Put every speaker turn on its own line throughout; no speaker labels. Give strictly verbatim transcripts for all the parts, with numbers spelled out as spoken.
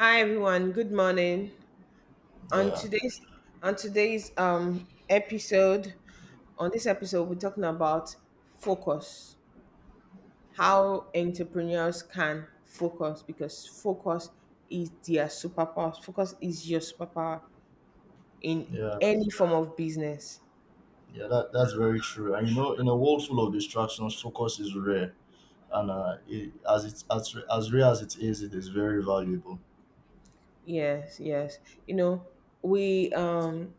Hi everyone, good morning. On
Yeah,
today's on today's um episode, on this episode we're talking about focus. How entrepreneurs can focus because focus is their superpower. Focus is your superpower in
yeah,
any form of business.
yeah. That that's very true. And you know, in a world full of distractions, focus is rare, and uh, it, as it's as as rare as it is, it is very valuable.
Yes, yes. You know, we um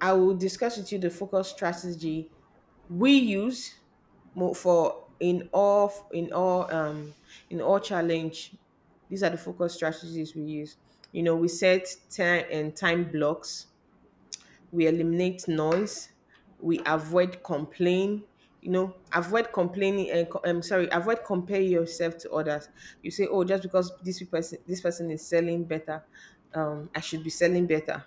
I will discuss with you the focus strategy we use mo- for in all in all um in all challenge. These are the focus strategies we use. You know, we set time and time blocks. We eliminate noise. We avoid complain. You know, avoid complaining and co- I'm sorry, avoid compare yourself to others. You say, oh, just because this person this person is selling better, um, I should be selling better.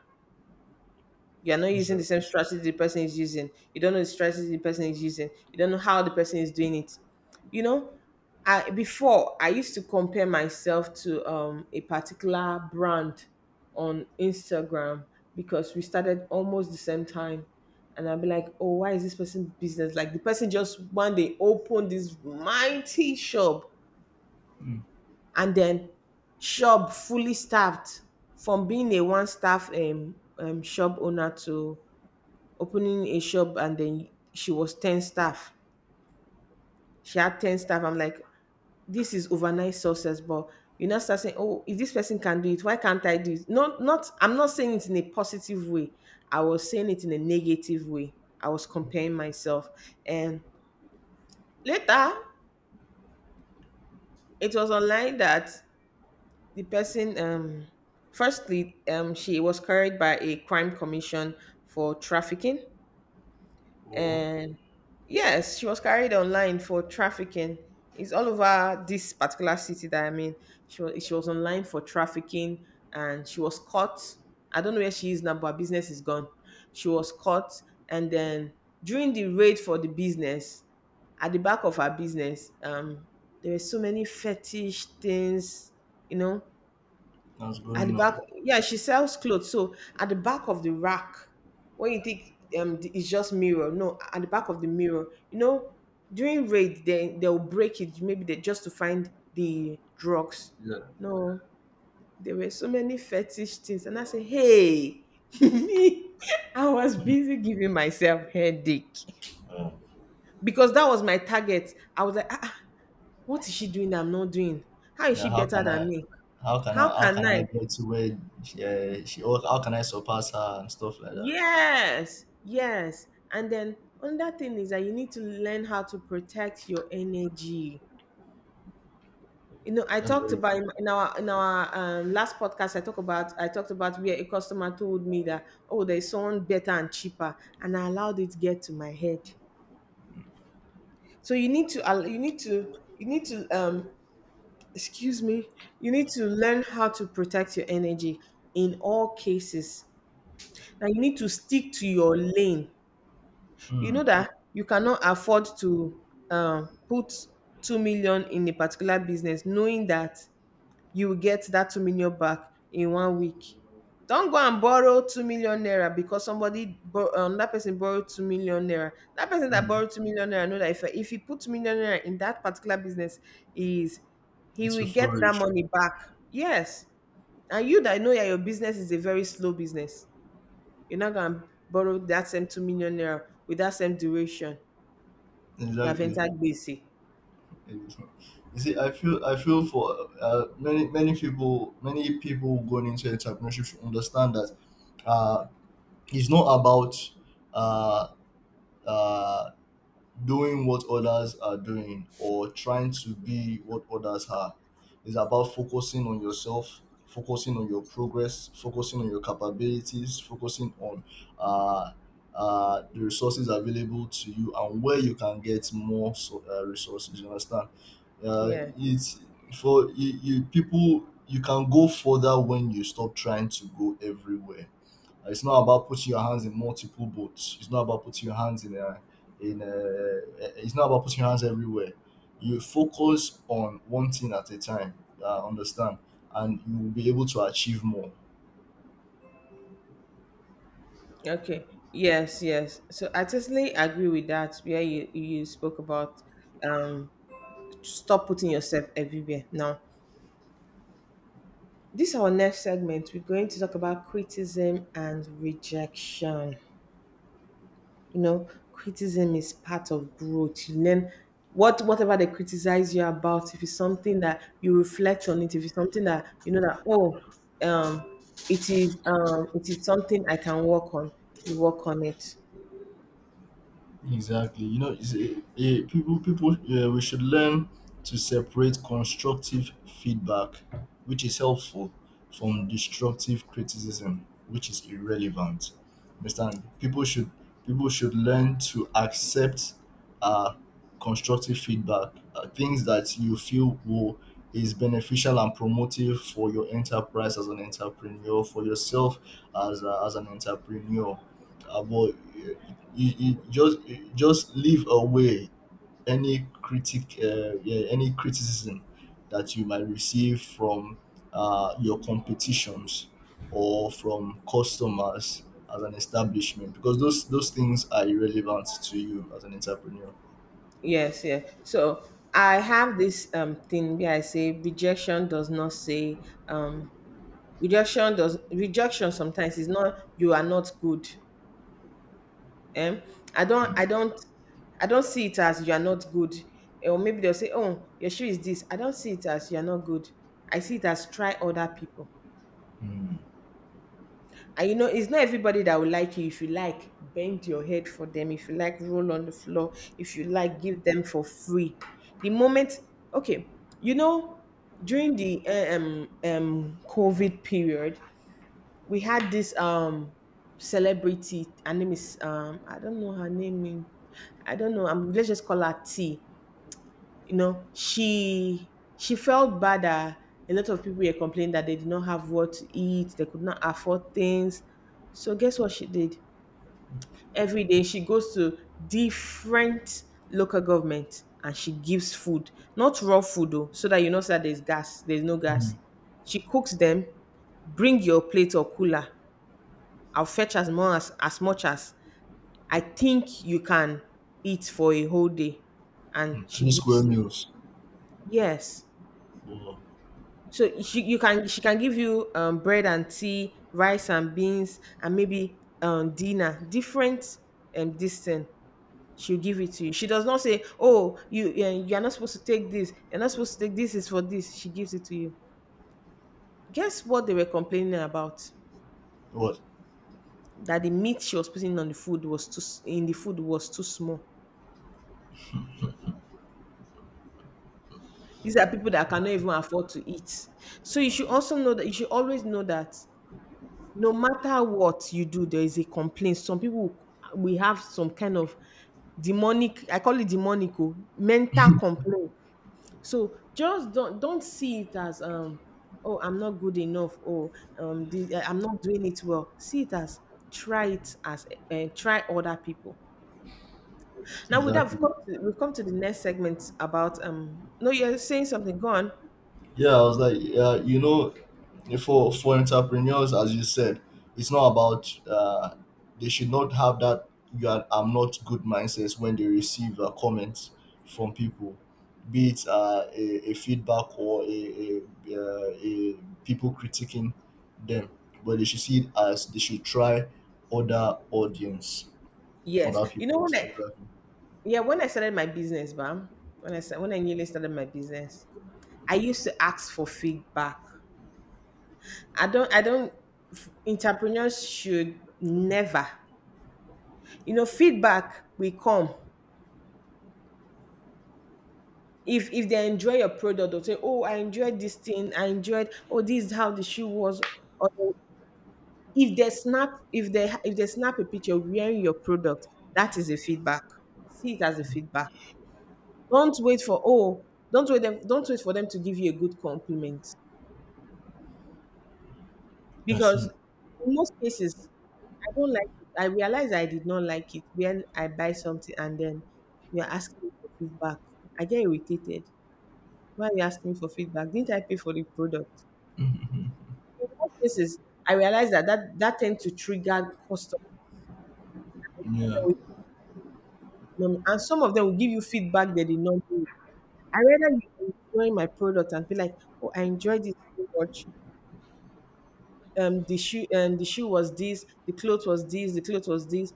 You're not using
So,
the same strategy the person is using. You don't know the strategy the person is using. You don't know how the person is doing it. You know, I before I used to compare myself to um, a particular brand on Instagram because we started almost the same time. And I'd be like, oh, why is this person business? Like the person just one day opened this mighty shop,
mm,
and then shop fully staffed, from being a one staff um, um, shop owner to opening a shop, and then she was ten staff. She had ten staff. I'm like, this is overnight success, but you now start saying, oh, if this person can do it, why can't I do it? Not not I'm not saying it in a positive way. I was saying it in a negative way. I was comparing myself. And later it was online that the person um firstly um she was carried by a crime commission for trafficking.
oh,
And yes, she was carried online for trafficking. It's all over this particular city that I'm in. She was, she was online for trafficking and she was caught. I don't know where she is now, but her business is gone. She was caught, and then during the raid for the business, at the back of her business, um, there were so many fetish things, you know,
what's
at
going
the back,
on?
yeah, she sells clothes. So at the back of the rack, when you think um the- it's just mirror, no, at the back of the mirror, you know, during raid they they'll break it maybe they just to find the drugs.
Yeah,
No, there were so many fetish things, and I said, hey, I was busy giving myself headache
uh,
because that was my target. I was like, ah, ah, what is she doing that I'm not doing? How is
yeah.
she
How
better
can
than
I?
me?
How can I?
How
How
can
can
I?
I get to where? Yeah, she. Or how can I surpass her and stuff like that?
Yes, yes. And then another thing is that you need to learn how to protect your energy. You know, I
That's
talked
very
about
true.
in in our in our um, last podcast. I talked about I talked about where a customer told me that oh, there's someone better and cheaper, and I allowed it to get to my head. So you need to al- you need to you need to um excuse me, you need to learn how to protect your energy in all cases. Now you need to stick to your lane. You know
Mm,
that you cannot afford to um, put two million in a particular business knowing that you will get that two million back in one week. Don't go and borrow two million naira because somebody bor- um, that person borrowed two million naira, that person that
mm.
borrowed two million naira know that if, if he put two million naira in that particular business is he
It's
will
to
get that
flourish.
money back. Yes, and you that know that your business is a very slow business, you're not going to borrow that same two million naira with that same duration. You have
Exactly.
entered B C.
You see, I feel I feel for uh, many many people many people going into entrepreneurship should understand that uh, it's not about uh, uh, doing what others are doing or trying to be what others are. It's about focusing on yourself, focusing on your progress, focusing on your capabilities, focusing on uh, uh, the resources available to you and where you can get more so, uh, resources. You understand? Uh,
Yeah.
it's for you, you people. You can go further when you stop trying to go everywhere. It's not about putting your hands in multiple boats. It's not about putting your hands in a, in a, it's not about putting your hands everywhere. You focus on one thing at a time, uh, understand, and you will be able to achieve more.
Okay. Yes, yes. So I totally agree with that. Where you, you spoke about um stop putting yourself everywhere. Now, this our next segment. We're going to talk about criticism and rejection. You know, criticism is part of growth. You learn what whatever they criticize you about. If it's something that you reflect on it, if it's something that you know that oh um it is um it is something I can work on, you work on it.
Exactly. You know, it's a, a, people people, uh, we should learn to separate constructive feedback, which is helpful, from destructive criticism, which is irrelevant. Understand? People should people should learn to accept uh, constructive feedback, uh, things that you feel will is beneficial and promotive for your enterprise as an entrepreneur, for yourself as a, as an entrepreneur. Uh, but eh, you, you just you just leave away any critic uh, yeah, any criticism that you might receive from uh, your competitions or from customers as an establishment, because those those things are irrelevant to you as an entrepreneur.
Yes, yeah. So I have this um thing where I say rejection does not say um rejection does rejection sometimes is not you are not good. Um I don't I don't I don't see it as you are not good. Eh, Or maybe they'll say, oh, your shoe is this. I don't see it as you are not good. I see it as try other people.
Mm.
And you know, it's not everybody that will like you. If you like, bend your head for them. If you like, roll on the floor. If you like, give them for free. The moment, okay, you know, during the uh, um um COVID period, we had this um celebrity. Her name is um I don't know her name. I don't know. Um, let's just call her T. You know, she she felt bad that a lot of people were complaining that they did not have what to eat, they could not afford things. So guess what she did? Every day she goes to different local government and she gives food, not raw food though, so that you know so that there's gas, there's no
Mm.
gas. She cooks them, bring your plate or cooler. I'll fetch as much as, as much as I think you can eat for a whole day. And
Mm.
she
Three square
gives you.
meals.
Yes.
Oh,
So she you can she can give you um, bread and tea, rice and beans, and maybe um, dinner. Different um, this thing she'll give it to you. She does not say, "Oh, you eh, you are not supposed to take this. You're not supposed to take this. Is for this." She gives it to you. Guess what they were complaining about?
What
That the meat she was putting on the food was too s- in the food was too small. These are people that cannot even afford to eat. So you should also know that you should always know that no matter what you do, there is a complaint. Some people we have some kind of demonic, I call it demonic, oh, mental complaint. So just don't don't see it as um oh, I'm not good enough, or um the, I'm not doing it well. See it as try it as uh, try other people. Now we'd have
exactly?
come to, we've come to the next segment about um no, you're saying something, go on.
Yeah, I was like, yeah, you know, for for entrepreneurs, as you said, it's not about, uh, they should not have that "you are," "I'm not good" mindsets when they receive uh, comments from people, be it uh, a, a feedback or a, a, uh, a people critiquing them, but they should see it as they should try other audience,
Yes.
other
You know,
people.
when
So
I
exactly.
yeah, when I started my business, Bam, when I sta- when I newly started my business, I used to ask for feedback. I don't I don't f- entrepreneurs should never. You know, feedback will come. If if they enjoy your product, they'll say, oh, I enjoyed this thing, I enjoyed oh, this is how the shoe was. Or if they snap if they if they snap a picture wearing your product, that is a feedback. See it as a feedback. Don't wait for oh, don't wait them, don't wait for them to give you a good compliment,
I
because
see.
in most cases I don't like it. I realize I did not like it when I buy something and then you're asking me for feedback. I get irritated. Why are you asking me for feedback? Didn't I pay for the product? In most cases, I realize that that, that tends to trigger customers.
hmm Yeah.
that will- um, And some of them will give you feedback they did not do. I rather you enjoy my product and be like, oh, I enjoyed it so much. Um, the shoe, um, the shoe was this, the cloth was this, the cloth was this.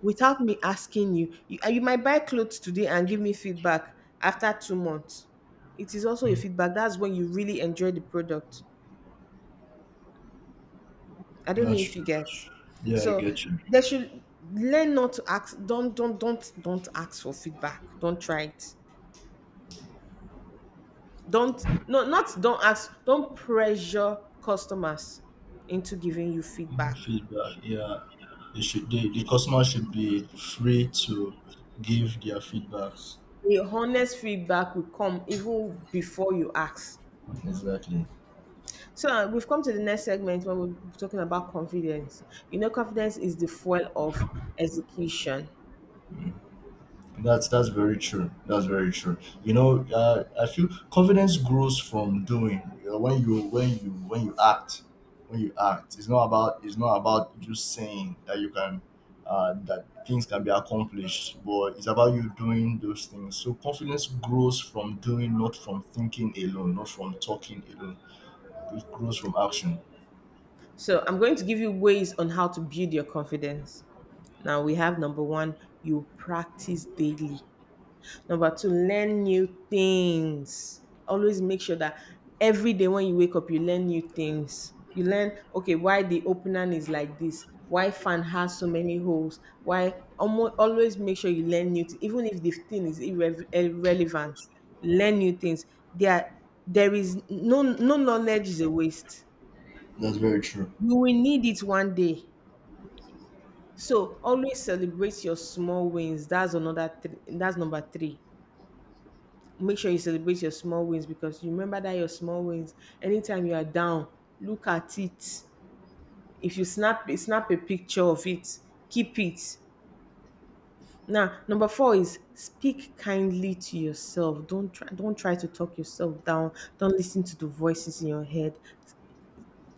Without me asking you. You, uh, you might buy clothes today and give me feedback after two months. It is also a
Mm,
feedback. That's when you really enjoy the product. I don't know
that's
if you
true.
get.
Yeah, I
So
get you.
they should learn not to ask. Don't don't don't don't ask for feedback. Don't try it. Don't, no, not don't ask. Don't pressure customers into giving you feedback.
Feedback. Yeah, they should the, the customer should be free to give their feedbacks.
A honest feedback will come even before you ask.
Exactly.
So uh, we've come to the next segment when we're talking about confidence. You know, confidence is the fuel of execution.
That's that's very true. That's very true. You know, uh, I feel confidence grows from doing. you know, when you when you when you act when you act, it's not about it's not about just saying that you can, uh, that things can be accomplished, but it's about you doing those things. So confidence grows from doing, not from thinking alone, not from talking alone. It grows from action.
So I'm going to give you ways on how to build your confidence. Now we have number one, you practice daily. Number two, learn new things. Always make sure that every day when you wake up, you learn new things. You learn, okay, why the opener is like this, why fan has so many holes, why almost always make sure you learn new things, even if the thing is irre- irrelevant. Learn new things. There, there is no no knowledge is a waste.
That's very true.
You will need it one day. So always celebrate your small wins. That's another. Th- that's number three. Make sure you celebrate your small wins because you remember that your small wins, anytime you are down, look at it. If you snap snap a picture of it, keep it. Now number four is speak kindly to yourself. Don't try don't try to talk yourself down. Don't listen to the voices in your head.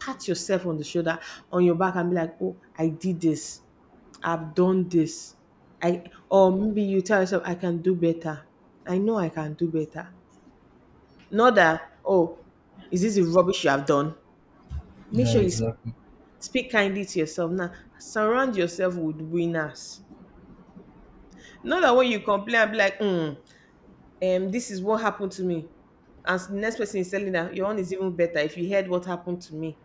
Pat yourself on the shoulder, on your back, and be like, oh, I did this. I've done this. I, or maybe you tell yourself, I can do better. I know I can do better. Not that, oh, is this the rubbish you have done? Make
Yeah,
sure you sp-
exactly.
Speak kindly to yourself now. Surround yourself with winners. Not that when you complain, I'll be like, mm, um, this is what happened to me. And the next person is telling that your own is even better if you heard what happened to me.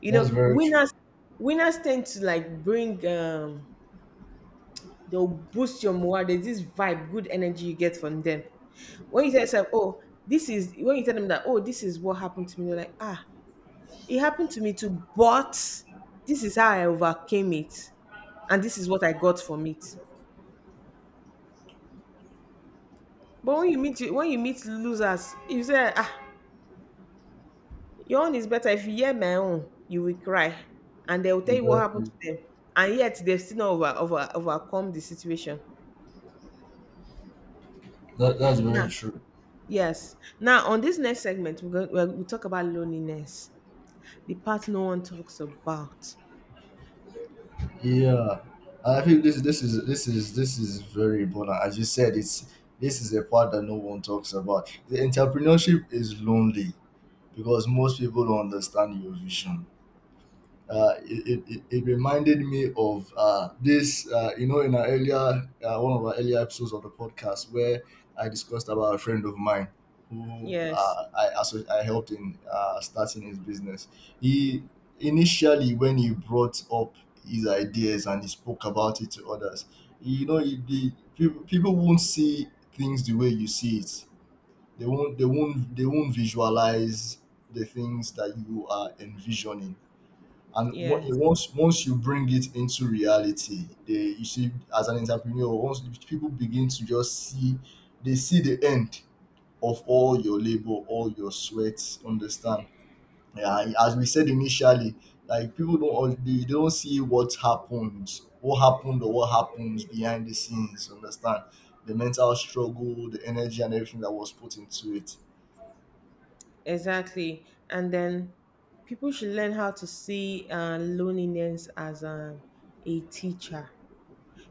You
That's
know,
very true.
winners winners tend to like bring um they'll boost your morale. There's this vibe, good energy you get from them. When you tell yourself, oh, this is when you tell them that, oh, this is what happened to me, they're like, ah, it happened to me too, but this is how I overcame it, and this is what I got from it. But when you meet when you meet losers, you say, "Ah, your own is better. If you hear my own, you will cry," and they will tell you what happened
Exactly.
to them, and yet they've still not over, over overcome the situation.
That, that's very
Now,
true.
yes. Now, on this next segment, we're going we'll, we'll talk about loneliness, the part no one talks about.
Yeah, I think this this is this is this is very important. As you said, it's this is a part that no one talks about. The entrepreneurship is lonely because most people don't understand your vision. Uh, it, it, it reminded me of uh, this, uh, you know, in our earlier, uh, one of our earlier episodes of the podcast where I discussed about a friend of mine who
Yes,
uh, I, asso- I helped in uh, starting his business. He, initially, when he brought up his ideas and he spoke about it to others, you know, it, the, people, people won't see things the way you see it. They won't, they won't, they won't visualize the things that you are envisioning, and
yes.
on- once once you bring it into reality, they you see. As an entrepreneur, once people begin to just see, they see the end of all your labor, all your sweat. Understand? Yeah, and as we said initially, like people, don't al- they don't see what happens, what happened or what happens behind the scenes. Understand? The mental struggle, the energy, and everything that was put into it.
Exactly. And then people should learn how to see uh, loneliness as a, a teacher,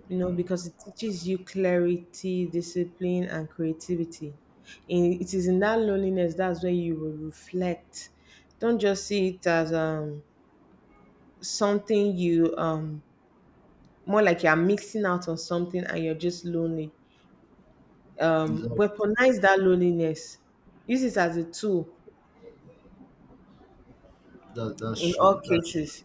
you know,
Mm.
because it teaches you clarity, discipline, and creativity. In, it is in that loneliness, that's where you will reflect. Don't just see it as um, something you, um, more like you're mixing out on something and you're just lonely. Um,
Exactly.
weaponize that loneliness, use it as a tool
That, that's
in all
true. That's true.
cases.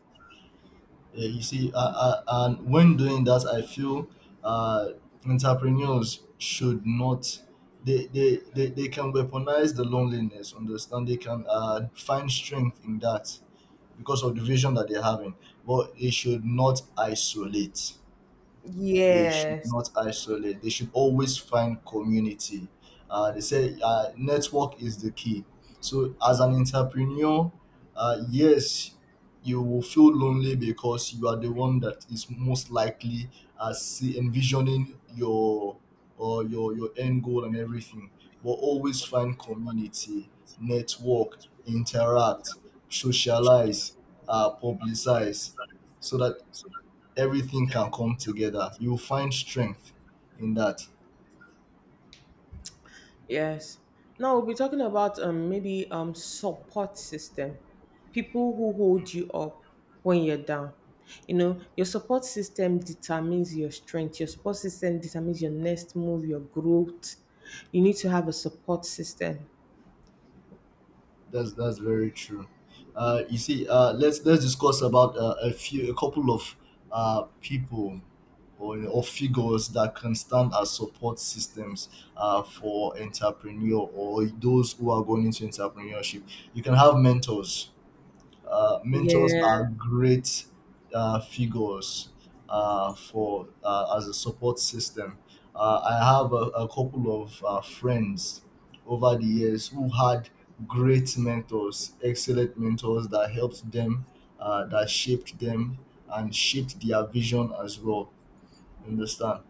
Yeah, you see, uh, uh, and when doing that, I feel uh, entrepreneurs should not. They, they, they, they can weaponize the loneliness, understand; they can uh, find strength in that because of the vision that they're having, but they should not isolate. They should
Yes.
not isolate. They should always find community. Uh, they say uh, network is the key. So, as an entrepreneur, uh, yes, you will feel lonely because you are the one that is most likely, uh, see, envisioning your or your your end goal and everything. But always find community, network, interact, socialize, uh, publicize, so that everything can come together. You'll find strength in that.
Yes. Now we'll be talking about um maybe um support system. People who hold you up when you're down. You know, your support system determines your strength. Your support system determines your next move, your growth. You need to have a support system.
That's that's very true. Uh, you see, uh, let's let's discuss about uh, a few, a couple of uh, people or or figures that can stand as support systems uh, for entrepreneur or those who are going into entrepreneurship. You can have mentors. uh, mentors are
Yeah.
great uh, figures uh, for uh, as a support system. Uh, I have a, a couple of uh, friends over the years who had great mentors, excellent mentors that helped them, uh, that shaped them, and shaped their vision as well. Understand?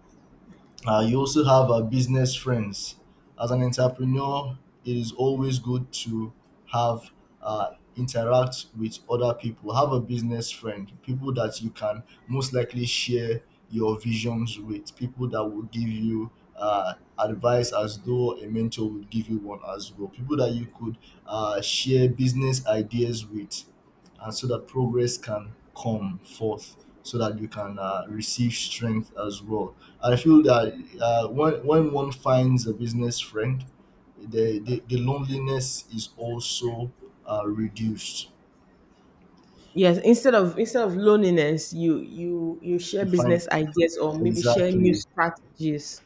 Uh, you also have uh, business friends. As an entrepreneur, it is always good to have uh, interact with other people. Have a business friend, people that you can most likely share your visions with, people that will give you uh, advice as though a mentor would give you one as well. People that you could uh, share business ideas with, and so that progress can come forth, so that you can uh, receive strength as well. I feel that uh, when when one finds a business friend, the the, the loneliness is also uh, reduced.
Yes. Instead of instead of loneliness, you you you share
You find
business ideas or maybe share new
exactly
strategies.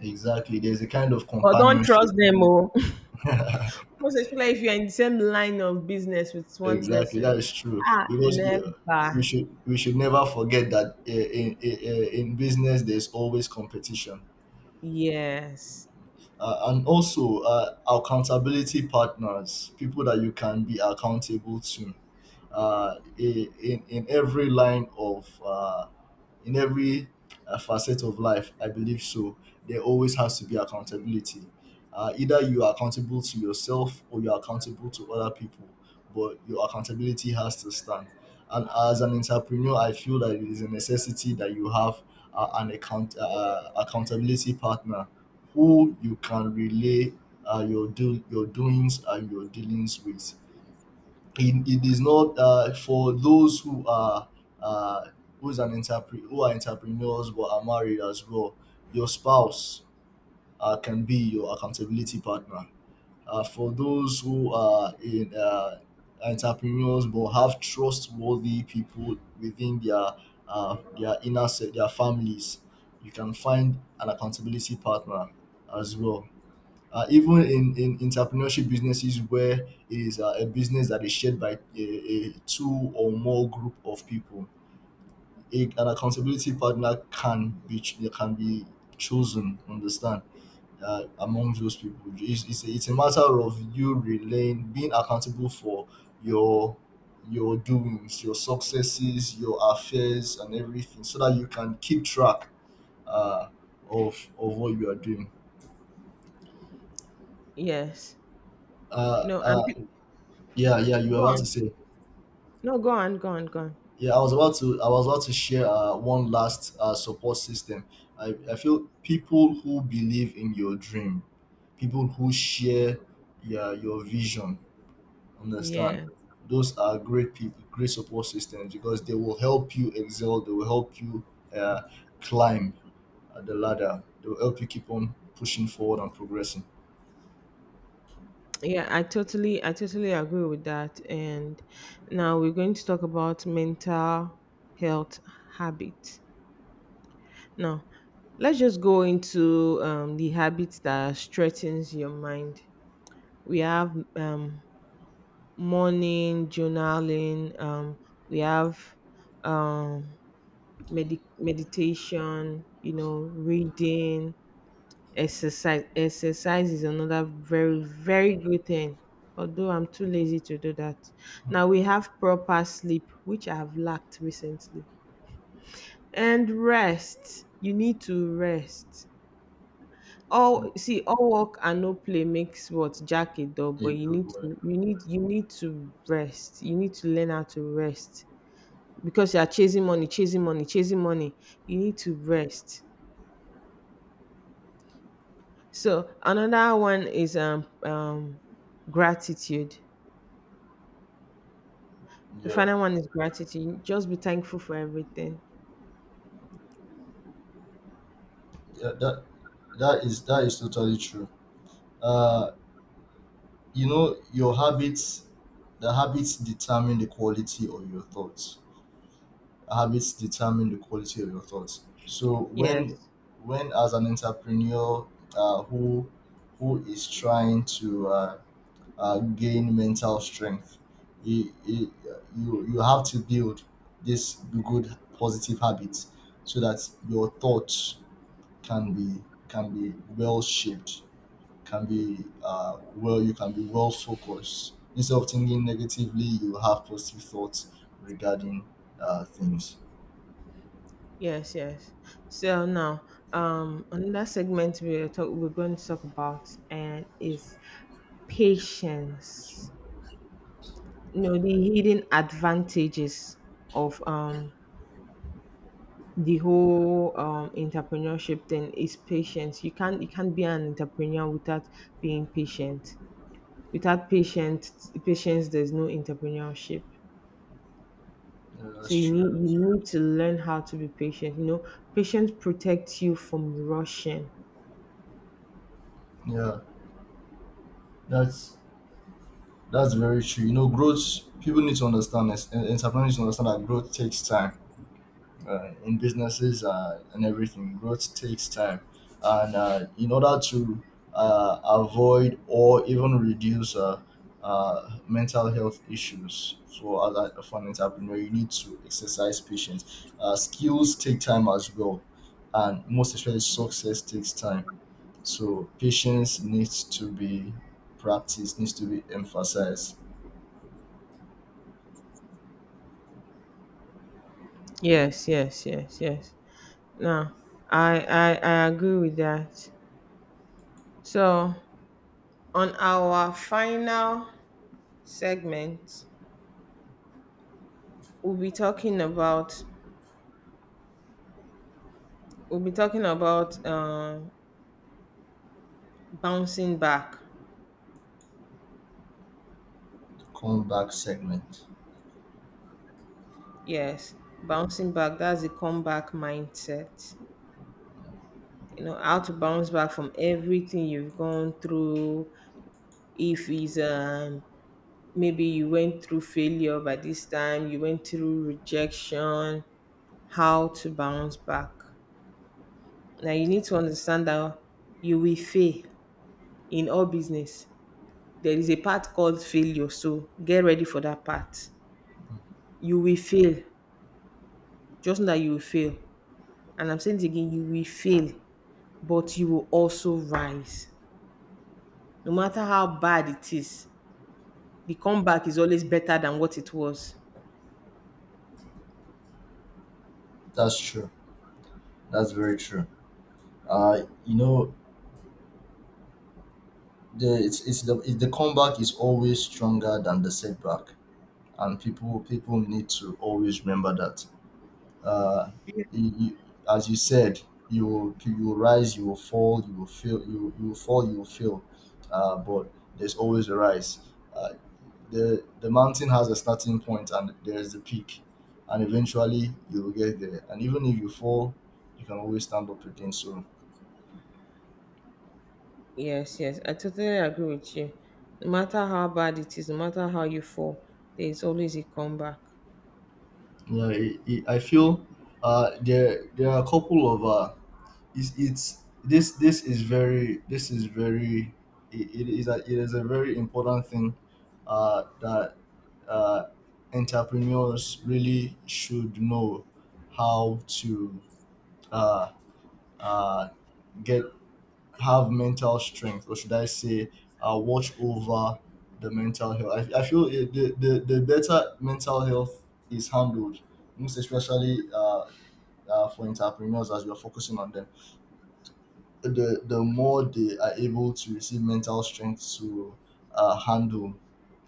exactly there's a kind of
But don't trust
companionship.
them all. Most especially if you're in the same line of business with one
Exactly,
person.
that is true,
Ah,
because you,
never.
we should we should never forget that uh, in in, uh, in business there's always competition.
Yes.
Uh, and also uh, accountability partners, people that you can be accountable to uh, i- in in every line of, uh, in every uh, facet of life. I believe so. There always has to be accountability. Uh, either you are accountable to yourself or you are accountable to other people, but your accountability has to stand. And as an entrepreneur, I feel that it is a necessity that you have uh, an account uh, accountability partner who you can relay uh, your do your doings and your dealings with. It, it is not uh, for those who are uh, who's an entrepreneur who are entrepreneurs but are married as well. Your spouse uh, can be your accountability partner. Uh, for those who are in uh, entrepreneurs but have trustworthy people within their uh, their inner set, their families, you can find an accountability partner as well. Uh, even in, in entrepreneurship businesses where it is uh, a business that is shared by a, a two or more group of people, A, an accountability partner can be ch- can be chosen. Understand, uh, among those people, It's, it's, a, it's a matter of you relaying, being accountable for your your doings, your successes, your affairs, and everything, so that you can keep track uh, of of what you are doing.
Yes. You
Uh,
know, and
uh,
pe-
yeah, yeah, you were
Go
about to
on.
say.
No, go on, go on, go on.
Yeah, I was about to I was about to share uh, one last uh, support system. I, I feel people who believe in your dream, people who share your your vision, understand.
Yeah.
Those are great people, great support systems because they will help you excel. They will help you uh, climb uh, the ladder. They will help you keep on pushing forward and progressing.
Yeah, I totally I totally agree with that. And now we're going to talk about mental health habits. Now, let's just go into um, the habits that strengthens your mind. We have um, morning journaling. Um, we have um, medi- meditation, you know, reading, exercise. Exercise is another very, very good thing. Although I'm too lazy to do that. Now we have proper sleep, which I have lacked recently. And rest. You need to rest.
Mhm.
All see, all work and no play makes what Jack a dog, but
It
you
will
need to
work.
you need you need to rest. You need to learn how to rest. Because you are chasing money, chasing money, chasing money. You need to rest. So another one is um, um, gratitude. The
Yeah,
final one is gratitude. Just be thankful for everything.
yeah. That that is that is totally true. Uh, you know your habits The habits determine the quality of your thoughts. Habits determine the quality of your thoughts. So when
Yes,
when as an entrepreneur, uh, who who is trying to uh, uh, gain mental strength, you, you you you have to build this good positive habits so that your thoughts can be can be well shaped, can be uh, well you can be well focused instead of thinking negatively. You have positive thoughts regarding uh, things.
yes, yes. So now, um, another segment we're talk we're going to talk about and is patience. You know, the hidden advantages of um the whole um entrepreneurship thing is patience. You can't you can't be an entrepreneur without being patient. Without patient patience, there's no entrepreneurship.
Yeah, that's
So you
true.
need you need to learn how to be patient. You know, patience protects you from rushing.
Yeah, that's that's very true. You know growth People need to understand, and entrepreneurs need to understand, that growth takes time, uh, in businesses uh, and everything. Growth takes time, and uh, in order to uh, avoid or even reduce uh, uh, mental health issues for other for an entrepreneur, you need to exercise patience. Uh, skills take time as well, and most especially success takes time. So patience needs to be practiced, needs to be emphasized.
Yes, yes, yes, yes. No, I, I I agree with that. So on our final segment, we'll be talking about we'll be talking about uh, bouncing back.
Come back segment.
Yes, bouncing back. That's the comeback mindset. You know how to bounce back from everything you've gone through. If it's um maybe you went through failure, by this time you went through rejection, how to bounce back. Now you need to understand that you will fail. In all business there is a part called failure, so get ready for that part. You will fail. Just know that you will fail. And I'm saying it again, you will fail, but you will also rise. No matter how bad it is, the comeback is always better than what it was.
That's true. That's very true. Uh, you know, the it's, it's the it's the comeback is always stronger than the setback, and people people need to always remember that. Uh, you, you, as you said, you will you will rise, you will fall, you will fail, you will- you will fall, you will fail, uh, but there's always a rise. Uh, the the mountain has a starting point and there is the peak, and eventually you will get there. And even if you fall, you can always stand up again. So
Yes, yes, I totally agree with you. No matter how bad it is, no matter how you fall, there is always a comeback.
yeah, it, it, I feel uh, there there are a couple of uh, it's it's this this is very this is very it, it is a, it is a very important thing uh, that uh, entrepreneurs really should know how to uh, uh, get have mental strength, or should I say uh, watch over the mental health. I, I feel it, the, the, the better mental health is handled, most especially uh, uh, for entrepreneurs, as we are focusing on them, the the more they are able to receive mental strength to uh, handle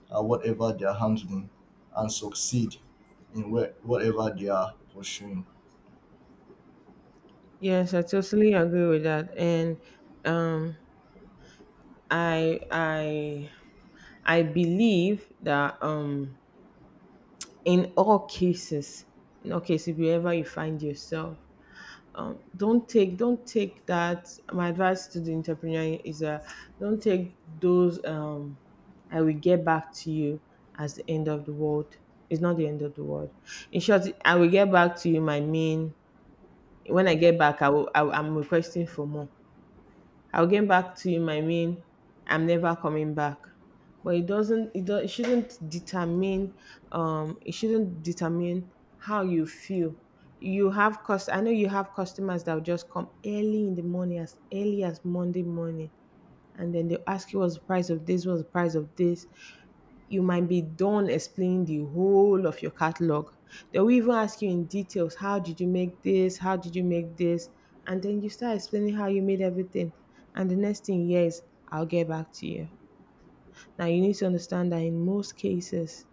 uh, whatever they are handling and succeed in where, whatever they are pursuing.
Yes, I totally agree with that, and um, I I I believe that um, in all cases, in all cases, wherever you find yourself, um, don't take don't take that, my advice to the entrepreneur is uh, don't take those um, I will get back to you as the end of the world. It's not the end of the world. In short, I will get back to you my mean when I get back. i will I, will- I'm requesting for more. I'll get back to you might mean I'm never coming back. But it doesn't it, do, it shouldn't determine um it shouldn't determine how you feel. You have cost I know you have customers that will just come early in the morning, as early as Monday morning, and then they'll ask you, what's the price of this, what's the price of this. You might be done explaining the whole of your catalog. They will even ask you in details, how did you make this? How did you make this? And then you start explaining how you made everything. And the next thing, yes, is, I'll get back to you. Now you need to understand that in most cases,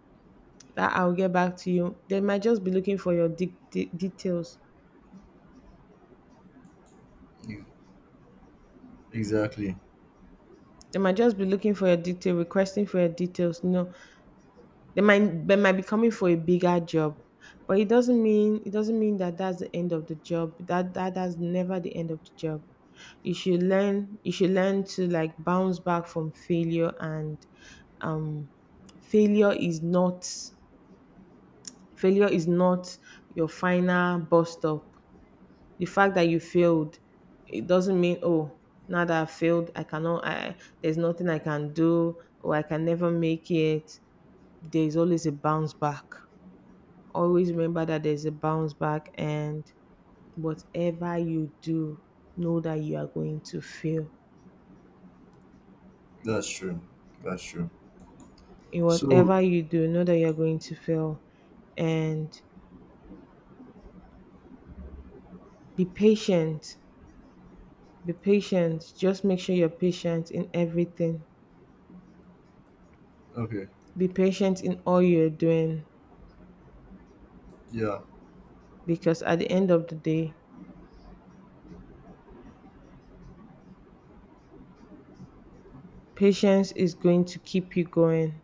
that I'll get back to you, they might just be looking for your de- de- details.
E- Exactly.
They might just be looking for your detail, requesting for your details. No, they might they might be coming for a bigger job, but it doesn't mean it doesn't mean that that's the end of the job. That that that's never the end of the job. You should learn you should learn to like bounce back from failure, and um failure is not failure is not your final bust up. The fact that you failed, it doesn't mean, oh, now that I failed, I cannot I there's nothing I can do or I can never make it. There's always a bounce back. Always remember that there's a bounce back, and whatever you do, know that you are going to fail.
That's true. That's true.
In
So,
whatever you do, know that you are going to fail, and be patient. Be patient. Just make sure you're patient in everything.
okay.
Be patient in all you're doing,
Yeah.
because at the end of the day, patience is going to keep you going.